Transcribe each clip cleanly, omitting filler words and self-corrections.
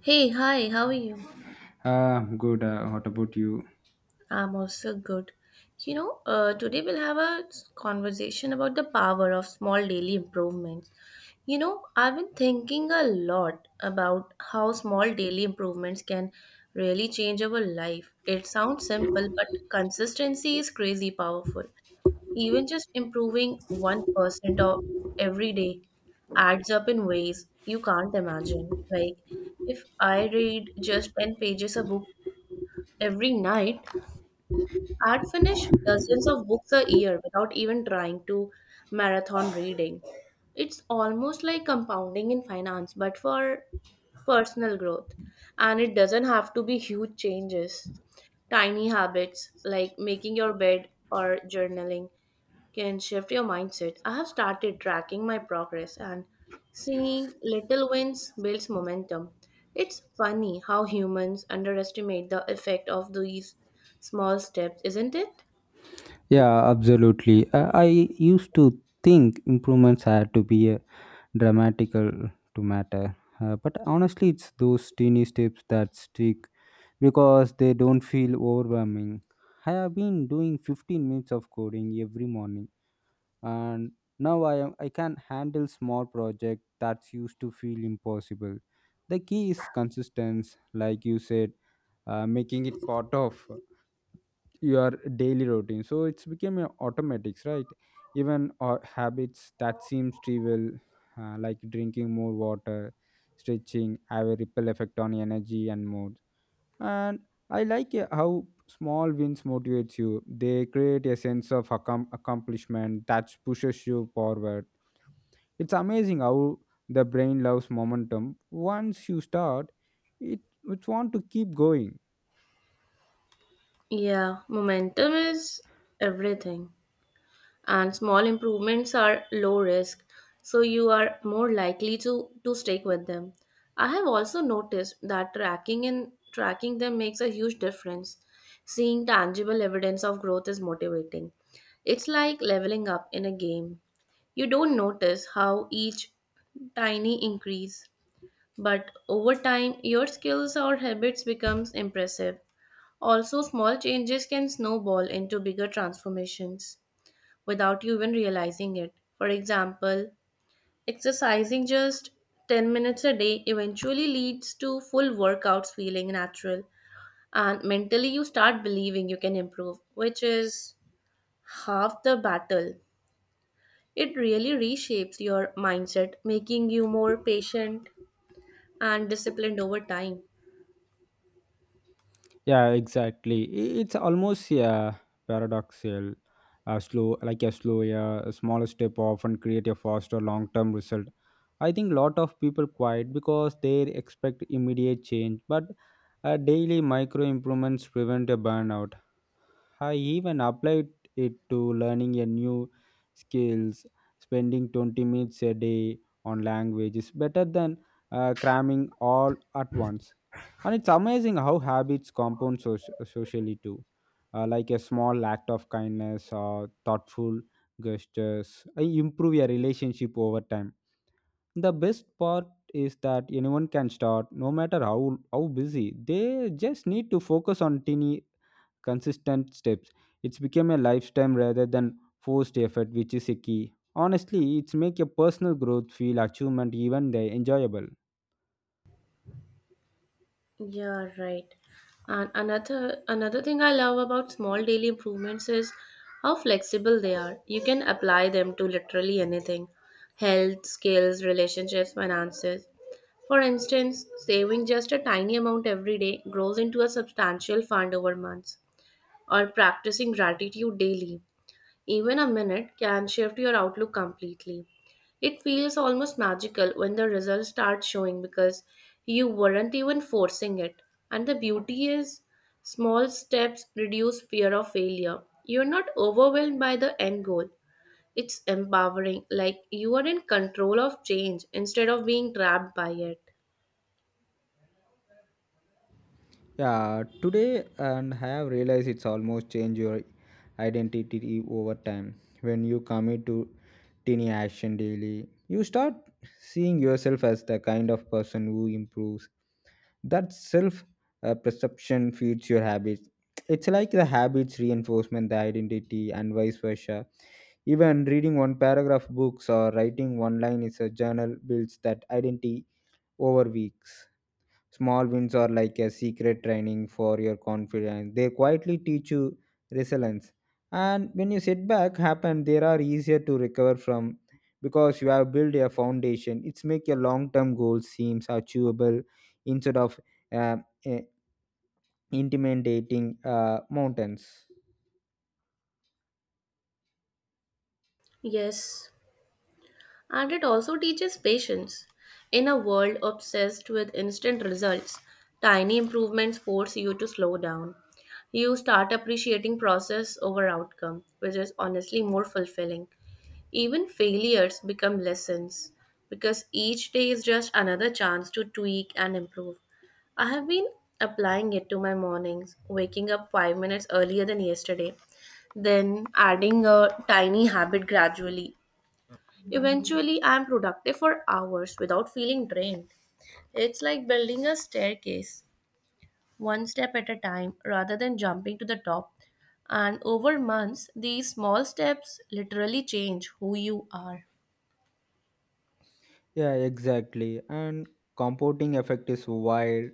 Hey, hi, how are you? Good. What about you? I'm also good. You know, today we'll have a conversation about the power of small daily improvements. You know, I've been thinking a lot about how small daily improvements can really change our life. It sounds simple, but consistency is crazy powerful. Even just improving 1% of every day adds up in ways you can't imagine. Like, if I read just 10 pages a book every night, I'd finish dozens of books a year without even trying to marathon reading. It's almost like compounding in finance, but for personal growth. And it doesn't have to be huge changes. Tiny habits like making your bed or journaling can shift your mindset. I have started tracking my progress and seeing little wins builds momentum. It's funny how humans underestimate the effect of these small steps, isn't it? Yeah, absolutely. I used to think improvements had to be a dramatical to matter, but honestly, it's those teeny steps that stick because they don't feel overwhelming. I have been doing 15 minutes of coding every morning, and now I can handle small project that's used to feel impossible. The key is consistency, like you said, making it part of your daily routine so it's became a automatics, right? Even or habits that seems trivial, like drinking more water, stretching have a ripple effect on energy and mood. And I like, how small wins motivates you. They create a sense of accomplishment that pushes you forward. It's amazing how the brain loves momentum. Once you start it, it want to keep going. Yeah, momentum is everything. And small improvements are low risk, so you are more likely to stick with them. I have also noticed that tracking and tracking them makes a huge difference. Seeing tangible evidence of growth is motivating. It's like leveling up in a game. You don't notice how each tiny increase, but over time your skills or habits becomes impressive. Also small changes can snowball into bigger transformations without you even realizing it. For example, exercising just 10 minutes a day eventually leads to full workouts feeling natural, and mentally you start believing you can improve, which is half the battle. It really reshapes your mindset, making you more patient and disciplined over time. Yeah, exactly. It's almost, yeah, paradoxical. A slow, yeah, a smaller step often create a faster long-term result. I think lot of people quiet because they expect immediate change, but daily micro improvements prevent a burnout. I even applied it to learning a new skills, spending 20 minutes a day on language is better than cramming all at once. And it's amazing how habits compound socially too. Like a small act of kindness or thoughtful gestures improve your relationship over time. The best part is that anyone can start, no matter how busy. They just need to focus on teeny consistent steps. It's become a lifetime rather than forced effort, which is a key. Honestly, it's make your personal growth feel achievement even they enjoyable. Yeah, right. And another thing I love about small daily improvements is how flexible they are. You can apply them to literally anything. Health, skills, relationships, finances. For instance, saving just a tiny amount every day grows into a substantial fund over months. Or practicing gratitude daily, even a minute, can shift your outlook completely. It feels almost magical when the results start showing because you weren't even forcing it. And the beauty is, small steps reduce fear of failure. You're not overwhelmed by the end goal. It's empowering, like you are in control of change instead of being trapped by it. Yeah, today and I have realized it's almost changed your identity over time. When you commit to tiny action daily, you start seeing yourself as the kind of person who improves. That self, perception feeds your habits. It's like the habits reinforcement the identity and vice versa. Even reading one paragraph books or writing one line is a journal builds that identity over weeks. Small wins are like a secret training for your confidence. They quietly teach you resilience. And when you setback happen, they are easier to recover from because you have built a foundation. It's make your long-term goals seems achievable instead of, uh, eh, intimidating mountains. Yes, and it also teaches patience. In a world obsessed with instant results, tiny improvements force you to slow down. You start appreciating process over outcome, which is honestly more fulfilling. Even failures become lessons because each day is just another chance to tweak and improve. I have been applying it to my mornings, waking up 5 minutes earlier than yesterday, then adding a tiny habit gradually. Eventually, I am productive for hours without feeling drained. It's like building a staircase, one step at a time, rather than jumping to the top. And over months, these small steps literally change who you are. Yeah, exactly. And compounding effect is wild,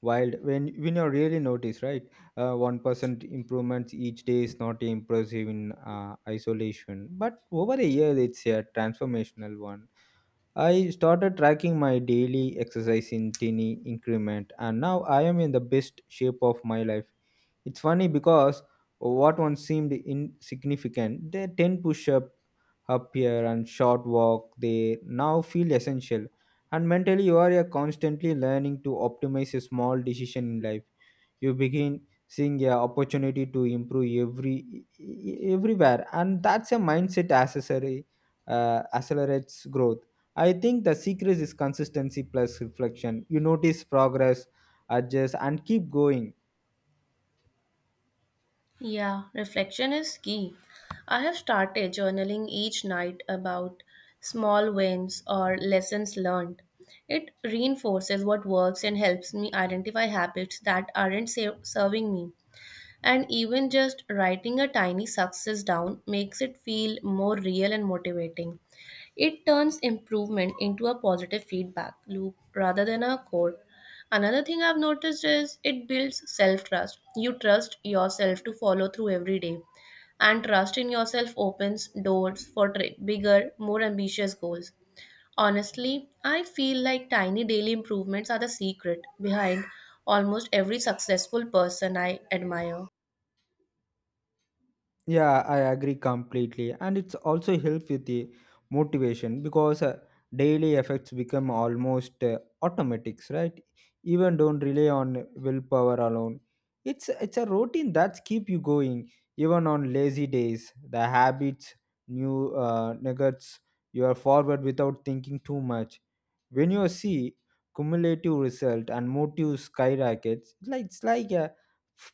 wild when you really notice, right? 1% improvements each day is not impressive in isolation, but over a year it's a transformational one. I started tracking my daily exercise in tiny increment, and now I am in the best shape of my life. It's funny because what once seemed insignificant, the ten up up here and short walk they now feel essential. And mentally you are, constantly learning to optimize a small decision in life. You begin seeing a opportunity to improve everywhere, and that's a mindset accessory, accelerates growth. I think the secret is consistency plus reflection. You notice progress, adjust, and keep going. Yeah, reflection is key. I have started journaling each night about small wins or lessons learned. It reinforces what works and helps me identify habits that aren't serving me. And even just writing a tiny success down makes it feel more real and motivating. It turns improvement into a positive feedback loop rather than a code. Another thing I've noticed is it builds self trust. You trust yourself to follow through every day, and trust in yourself opens doors for bigger, more ambitious goals. Honestly, I feel like tiny daily improvements are the secret behind almost every successful person I admire. Yeah, I agree completely, and it's also help with the motivation because, daily effects become almost, automatics, right? Even don't rely on willpower alone. It's a routine that's keep you going even on lazy days. The habits, new, nuggets, you are forward without thinking too much. When you see cumulative result and motive skyrockets, it's like a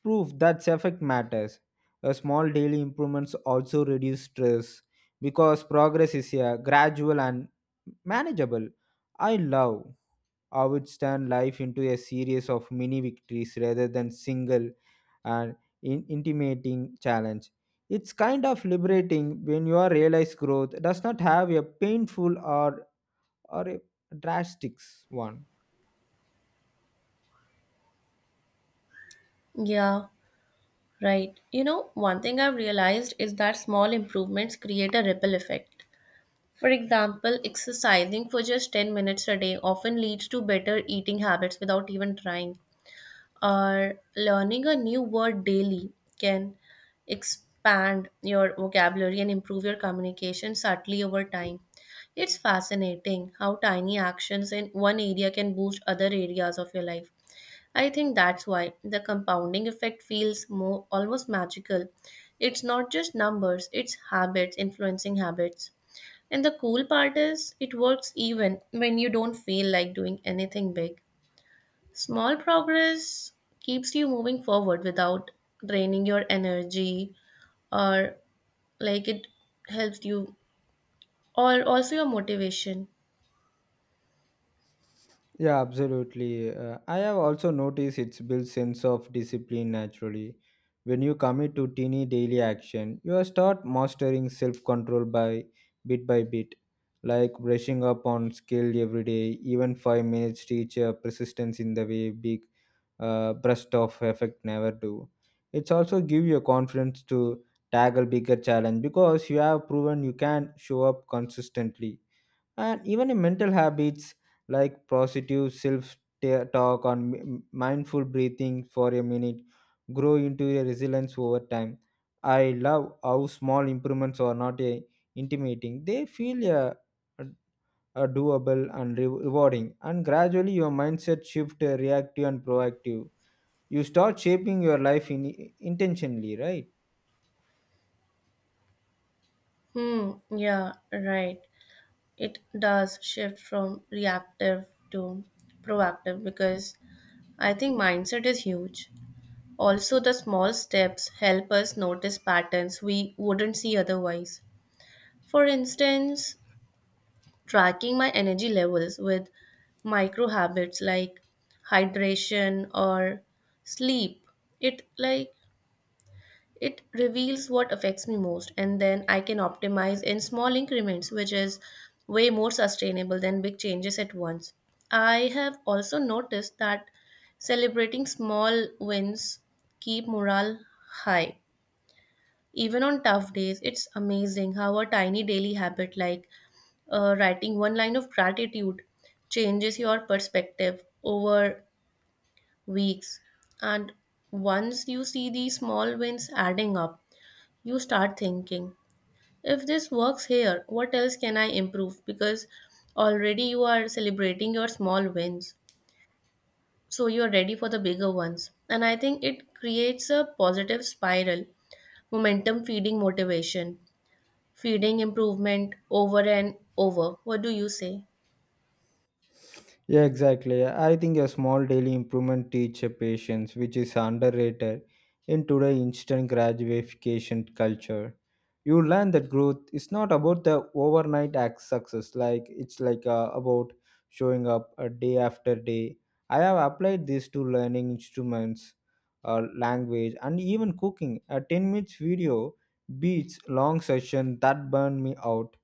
proof that effect matters. A small daily improvements also reduce stress because progress is a gradual and manageable. I love how it turns life into a series of mini victories rather than single and intimating challenge. It's kind of liberating when your realized growth does not have a painful, or a drastic one. Yeah, right. You know, one thing I've realized is that small improvements create a ripple effect. For example, exercising for just 10 minutes a day often leads to better eating habits without even trying. Or learning a new word daily can expand your vocabulary and improve your communication subtly over time. It's fascinating how tiny actions in one area can boost other areas of your life. I think that's why the compounding effect feels more almost magical. It's not just numbers, it's habits influencing habits. And the cool part is it works even when you don't feel like doing anything big. Small progress keeps you moving forward without draining your energy, or like it helps you or also your motivation. Yeah, absolutely. I have also noticed it's built sense of discipline naturally. When you commit to teeny daily action, you are start mastering self-control by bit, like brushing up on skill every day. Even 5 minutes teach persistence in the way big burst of effect never do. It's also give you a confidence to tackle bigger challenge because you have proven you can show up consistently. And even in mental habits like positive self talk or mindful breathing for a minute grow into a resilience over time. I love how small improvements are not a intimidating. They feel, uh, doable and rewarding, and gradually your mindset shift, reactive and proactive. You start shaping your life in intentionally, right? Hmm, yeah, right. It does shift from reactive to proactive, because I think mindset is huge. Also, the small steps help us notice patterns we wouldn't see otherwise. For instance, tracking my energy levels with micro habits like hydration or sleep, it like it reveals what affects me most, and then I can optimize in small increments, which is way more sustainable than big changes at once. I have also noticed that celebrating small wins keep morale high. Even on tough days, it's amazing how a tiny daily habit like writing one line of gratitude changes your perspective over weeks. And once you see these small wins adding up, you start thinking, if this works here, what else can I improve? Because already you are celebrating your small wins. So you're ready for the bigger ones. And I think it creates a positive spiral, momentum feeding motivation, feeding improvement over and over. What do you say? Yeah, exactly. I think a small daily improvement teach a patience, which is underrated in today's instant gratification culture. You learn that growth is not about the overnight act success. It's like about showing up a day after day. I have applied this to learning instruments, language, and even cooking. A 10 minutes video beats long session that burn me out.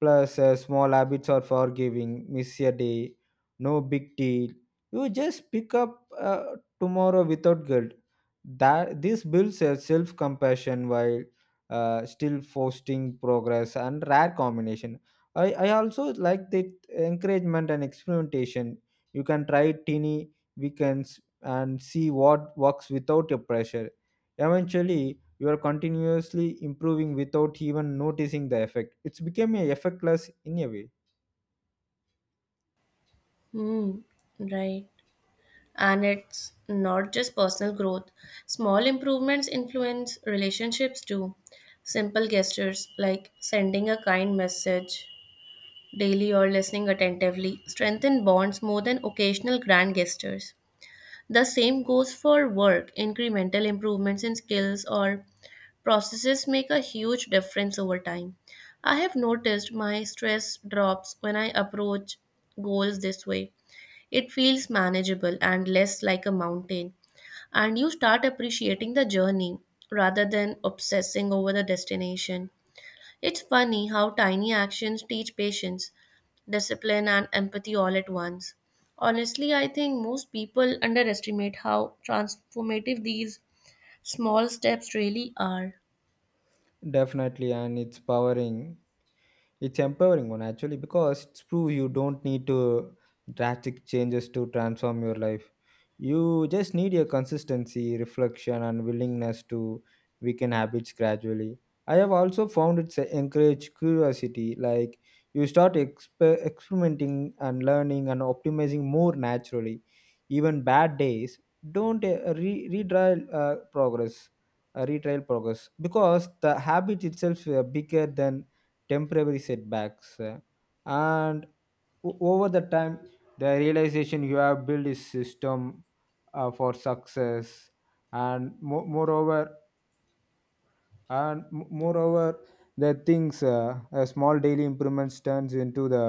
Plus, small habits are forgiving. Miss a day, no big deal. You just pick up tomorrow without guilt. That this builds a self-compassion while, still fostering progress and rare combination. I also like the encouragement and experimentation. You can try teeny weekends and see what works without your pressure. Eventually, you are continuously improving without even noticing the effect. It's become a effortless in a way. Hmm, right. And it's not just personal growth. Small improvements influence relationships too. Simple gestures like sending a kind message daily or listening attentively strengthen bonds more than occasional grand gestures. The same goes for work. Incremental improvements in skills or processes make a huge difference over time. I have noticed my stress drops when I approach goals this way. It feels manageable and less like a mountain, and you start appreciating the journey rather than obsessing over the destination. It's funny how tiny actions teach patience, discipline, and empathy all at once. Honestly, I think most people underestimate how transformative these small steps really are. Definitely, and it's powering. It's empowering one actually because it's prove you don't need to drastic changes to transform your life. You just need your consistency, reflection, and willingness to weaken habits gradually. I have also found it's encourage curiosity, like you start experimenting and learning and optimizing more naturally. Even bad days don't, retrial progress because the habit itself is bigger than temporary setbacks, and over the time, the realization you have built is system, for success. And moreover the things, small daily improvements turns into the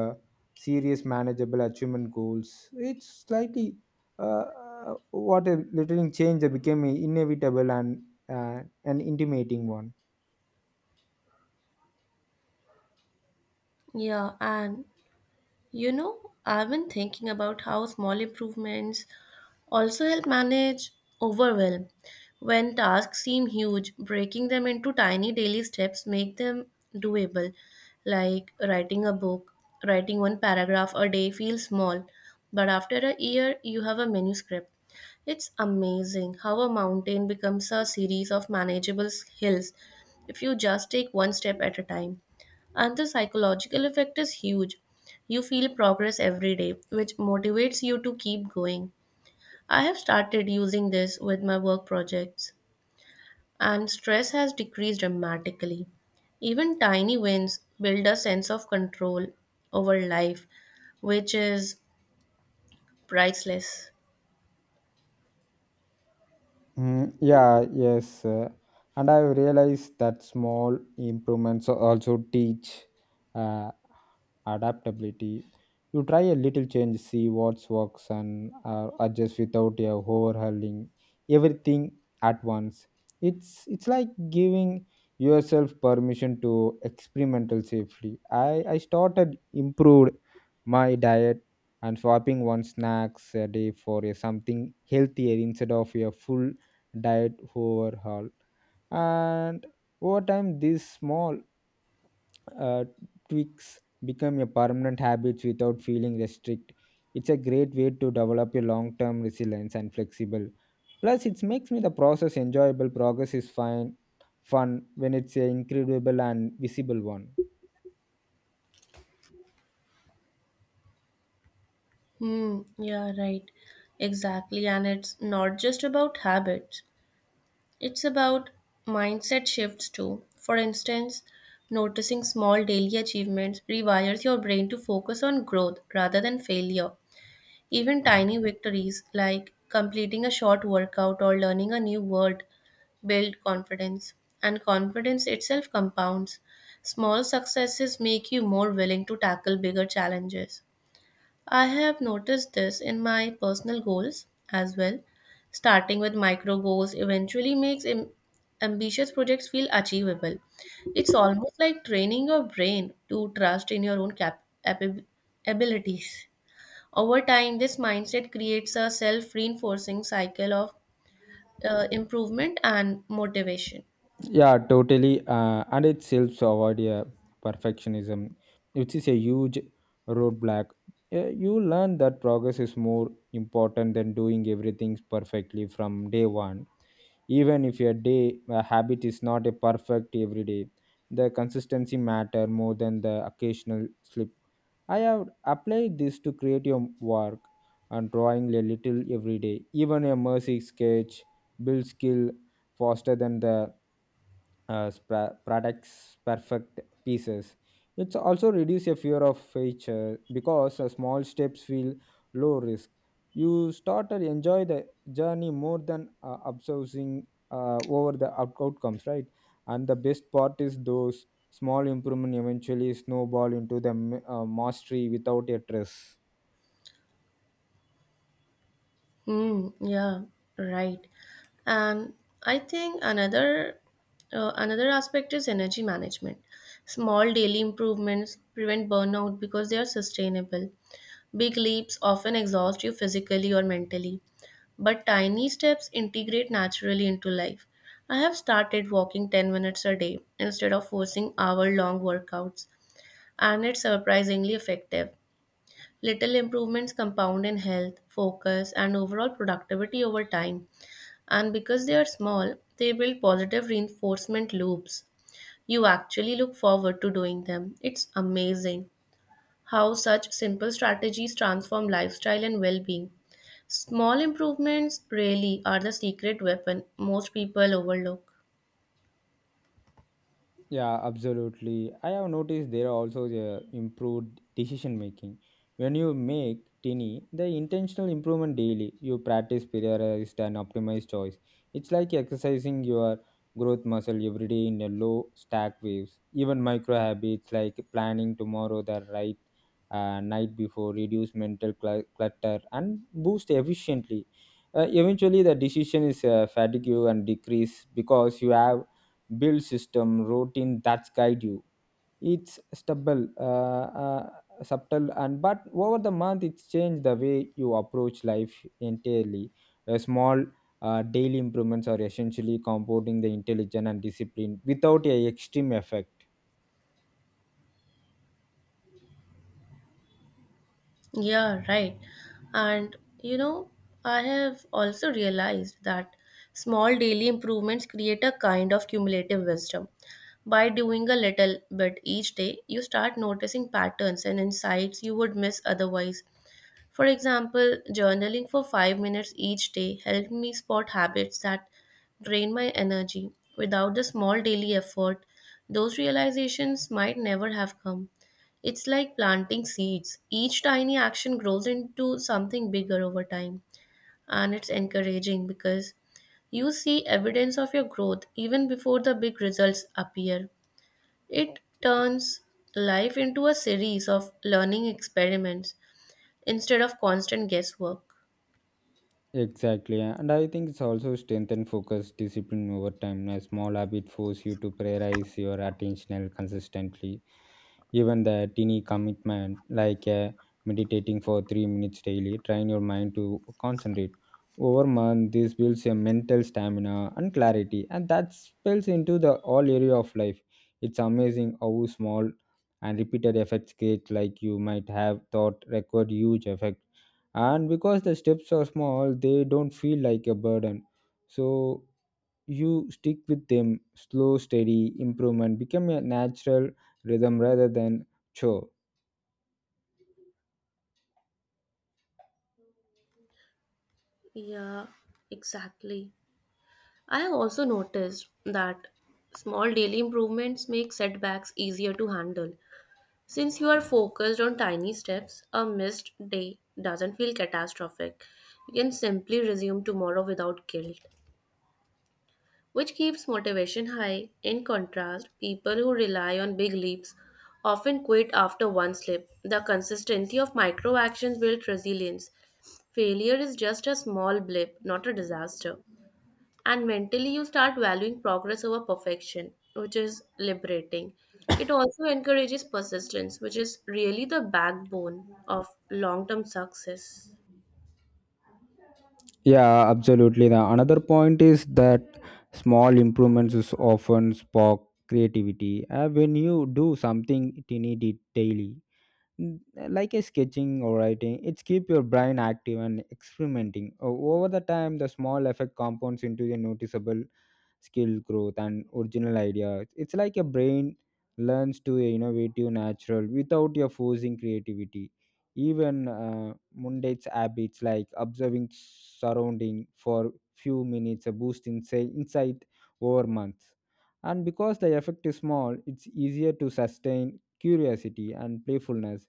serious manageable achievement goals. It's slightly, uh, what a little change that became inevitable and, uh, an intimating one. Yeah, and you know, I've been thinking about how small improvements also help manage overwhelm. When tasks seem huge, breaking them into tiny daily steps make them doable. Like writing a book, writing one paragraph a day feels small, but after a year you have a manuscript. It's amazing how a mountain becomes a series of manageable hills if you just take one step at a time. And the psychological effect is huge. You feel progress every day, which motivates you to keep going. I have started using this with my work projects, and stress has decreased dramatically. Even tiny wins build a sense of control over life, which is priceless. Mm, yeah, yes. And I realized that small improvements also teach, uh, adaptability. You try a little change, see what works, and adjust without overhauling everything at once. It's like giving yourself permission to experimental safely. I started improved my diet and swapping one snacks a day for a something healthier instead of a full diet overhaul. And over time these small, uh, tweaks become your permanent habits without feeling restrict. It's a great way to develop your long-term resilience and flexible. Plus it makes me the process enjoyable. Progress is fine, fun when it's an incredible and visible one. Hmm, yeah, right. Exactly. And it's not just about habits, it's about mindset shifts too. For instance, noticing small daily achievements rewires your brain to focus on growth rather than failure. Even tiny victories like completing a short workout or learning a new word build confidence, and confidence itself compounds. Small successes make you more willing to tackle bigger challenges. I have noticed this in my personal goals as well. Starting with micro goals eventually makes ambitious projects feel achievable. It's almost like training your brain to trust in your own abilities. Over time, this mindset creates a self reinforcing cycle of improvement and motivation. Yeah, totally. And it helps to avoid, perfectionism, which is a huge roadblock. You learn that progress is more important than doing everything perfectly from day one. Even if your day a habit is not a perfect every day, the consistency matter more than the occasional slip. I have applied this to create your work and drawing a little every day. Even a mercy sketch builds skill faster than the, products perfect pieces. It's also reduce your fear of failure because, small steps feel low risk. You start to enjoy the journey more than, obsessing over the outcomes, right? And the best part is those small improvement eventually snowball into the mastery without a stress. Mm, yeah, right. And I think another aspect is energy management. Small daily improvements prevent burnout because they are sustainable. Big leaps often exhaust you physically or mentally, but tiny steps integrate naturally into life. I have started walking 10 minutes a day instead of forcing hour-long workouts, and it's surprisingly effective. Little improvements compound in health, focus, and overall productivity over time. And because they are small, they build positive reinforcement loops. You actually look forward to doing them. It's amazing how such simple strategies transform lifestyle and well being. Small improvements really are the secret weapon most people overlook. Yeah, absolutely. I have noticed there are also the improved decision making. When you make tiny, the intentional improvement daily, you practice prioritized and optimized choice. It's like exercising your growth muscle every day in a low stack waves. Even micro habits like planning tomorrow the right, night before reduce mental clutter and boost efficiently. Eventually, the decision is, fatigue and decrease because you have build system routine that's guide you. It's stable, subtle and but over the month it's changed the way you approach life entirely. A small, daily improvements are essentially compounding the intelligence and discipline without a extreme effect. Yeah, right. And you know, I have also realized that small daily improvements create a kind of cumulative wisdom. By doing a little bit each day, you start noticing patterns and insights you would miss otherwise. For example, journaling for 5 minutes each day helped me spot habits that drain my energy. Without the small daily effort, those realizations might never have come. It's like planting seeds. Each tiny action grows into something bigger over time. And it's encouraging because you see evidence of your growth even before the big results appear. It turns life into a series of learning experiments instead of constant guesswork. Exactly, and I think it's also strengthen focus discipline over time. A small habit force you to prioritize your attentional consistently, even the teeny commitment like, meditating for 3 minutes daily train your mind to concentrate. Over month this builds a mental stamina and clarity, and that spills into the all area of life. It's amazing how small and repeated effects create like you might have thought record huge effect. And because the steps are small, they don't feel like a burden, so you stick with them. Slow steady improvement become a natural rhythm rather than chore. Yeah, exactly. I have also noticed that small daily improvements make setbacks easier to handle. Since you are focused on tiny steps, a missed day doesn't feel catastrophic. You can simply resume tomorrow without guilt, which keeps motivation high. In contrast, people who rely on big leaps often quit after one slip. The consistency of micro actions builds resilience. Failure is just a small blip, not a disaster. And mentally, you start valuing progress over perfection, which is liberating. It also encourages persistence, which is really the backbone of long term success. Yeah, absolutely, the another point is that small improvements is often spark creativity. When you do something tiny daily, N- like a sketching or writing, it's keep your brain active and experimenting. Over the time, the small effect compounds into a noticeable skill growth and original idea. It's like a brain learns to a innovative natural without your forcing creativity. Even, mundane habits like observing surrounding for few minutes a boost in say insight over months. And because the effect is small, it's easier to sustain curiosity and playfulness.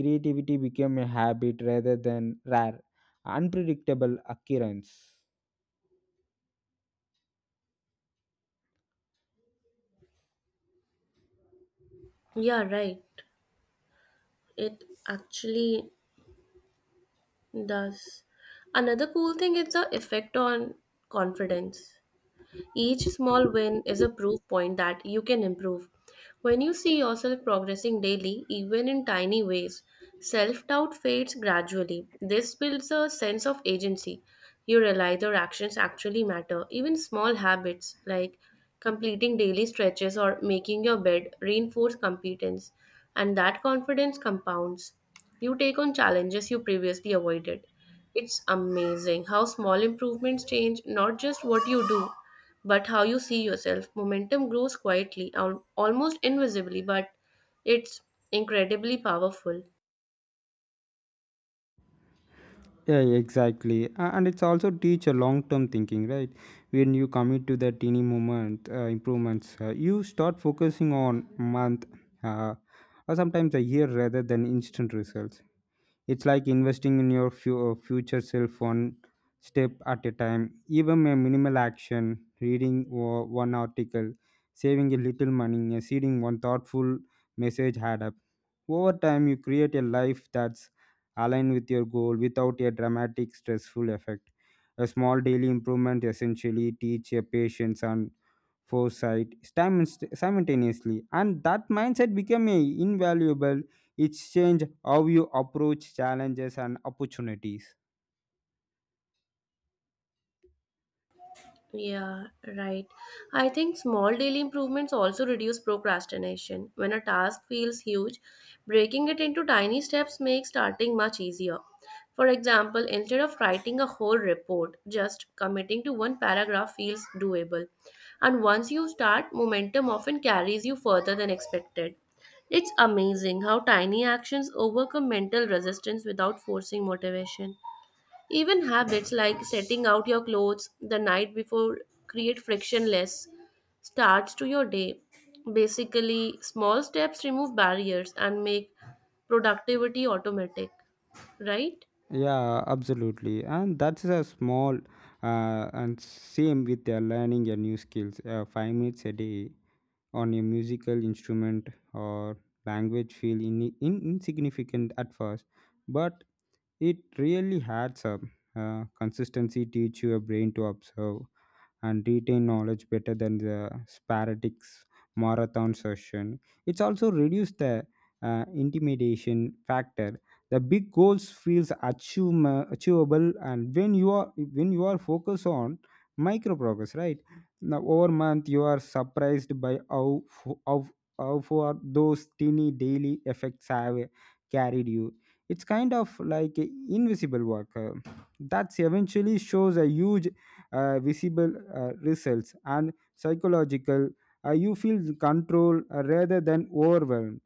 Creativity became a habit rather than rare, unpredictable occurrence. Yeah, right. It actually does. Another cool thing is the effect on confidence. Each small win is a proof point that you can improve. When you see yourself progressing daily, even in tiny ways, self doubt fades gradually. This builds a sense of agency. You realize your actions actually matter. Even small habits like completing daily stretches or making your bed reinforce competence, and that confidence compounds. You take on challenges you previously avoided. It's amazing how small improvements change not just what you do, but how you see yourself. Momentum grows quietly, almost invisibly, but it's incredibly powerful. Yeah, exactly. And it's also teach a long-term thinking, right? When you commit to the teeny moment, improvements, you start focusing on month, uh, or sometimes a year rather than instant results. It's like investing in your future self one step at a time. Even a minimal action, reading one article, saving a little money, and seeding one thoughtful message had up. Over time, you create a life that's aligned with your goal without a dramatic stressful effect. A small daily improvement essentially teach your patience and foresight simultaneously, and that mindset become a invaluable. It's change how you approach challenges and opportunities. Yeah, right. I think small daily improvements also reduce procrastination. When a task feels huge, breaking it into tiny steps makes starting much easier. For example, instead of writing a whole report, just committing to one paragraph feels doable. And once you start, momentum often carries you further than expected. It's amazing how tiny actions overcome mental resistance without forcing motivation. Even habits like setting out your clothes the night before create frictionless starts to your day. Basically, small steps remove barriers and make productivity automatic, right? Yeah, absolutely, and that's a small, and same with, learning your new skills. 5 minutes a day on a musical instrument or language feel insignificant at first, but it really adds up. Consistency teach your brain to observe and retain knowledge better than the sporadic marathon session. It's also reduced the, intimidation factor. The big goals feels achievable, and when you are focused on micro progress, right? Now, over month, you are surprised by how how far those teeny daily effects have carried you. It's kind of like a invisible work, that's eventually shows a huge, visible, results and psychological, you feel control, rather than overwhelmed.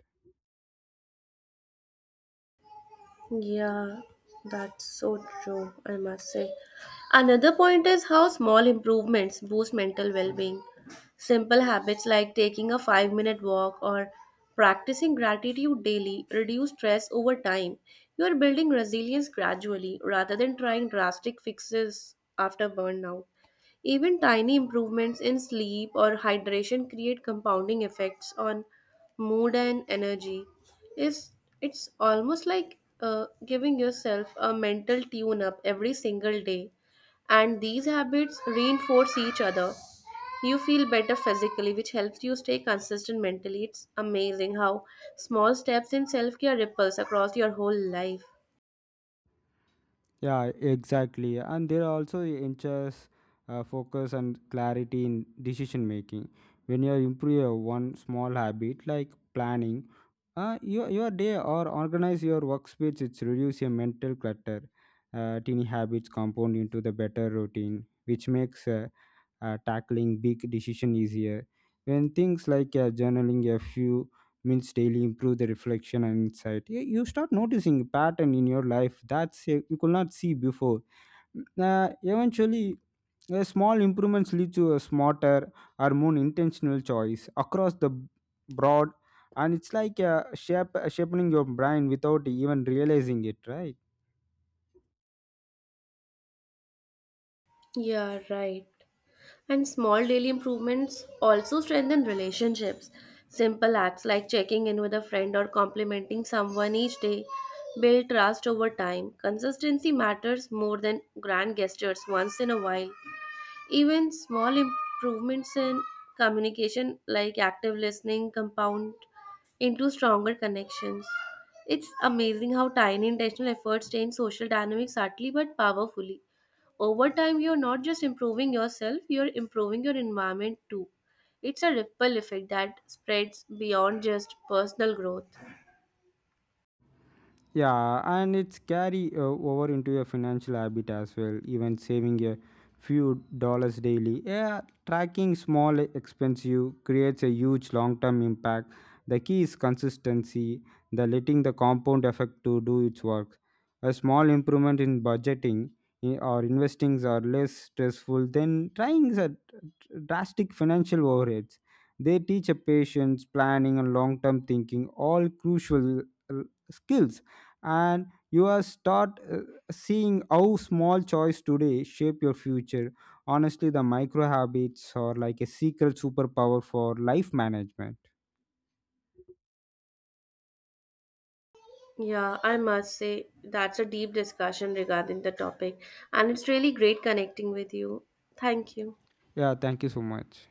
Yeah, that's so true, I must say. Another point is how small improvements boost mental well being. Simple habits like taking a 5 minute walk or practicing gratitude daily reduce stress over time. You are building resilience gradually rather than trying drastic fixes after burnout. Even tiny improvements in sleep or hydration create compounding effects on mood and energy. It's, it's almost like giving yourself a mental tune up every single day, and these habits reinforce each other. You feel better physically, which helps you stay consistent mentally. It's amazing how small steps in self care ripples across your whole life. Yeah, exactly. And there are also inches, focus and clarity in decision making. When you improve your one small habit like planning, your day or organize your workspace, it's reduce your mental clutter. Teeny habits compound into the better routine, which makes, tackling big decision easier. When things like, journaling a few minutes daily improve the reflection and insight, you start noticing pattern in your life that you could not see before. Mm, Uh, eventually, small improvements lead to a smarter or more intentional choice across the broad, and it's like, shaping your brain without even realizing it, right? Yeah, right. And small daily improvements also strengthen relationships. Simple acts like checking in with a friend or complimenting someone each day build trust over time. Consistency matters more than grand gestures once in a while. Even small improvements in communication, like active listening, compound into stronger connections. It's amazing how tiny intentional efforts change social dynamics subtly but powerfully over time. You're not just improving yourself, you're improving your environment too. It's a ripple effect that spreads beyond just personal growth. Yeah, and it's carry, over into your financial habit as well. Even saving a few dollars daily, yeah, tracking small expense you creates a huge long-term impact. The key is consistency, the letting the compound effect to do its work. A small improvement in budgeting or investings are less stressful than trying a drastic financial overheads. They teach a patience, planning, and long term thinking, all crucial, uh, skills. And you are start, seeing how small choice today shape your future. Honestly, the micro habits are like a secret superpower for life management. Yeah, I must say that's a deep discussion regarding the topic, and it's really great connecting with you. Thank you. Yeah, thank you so much.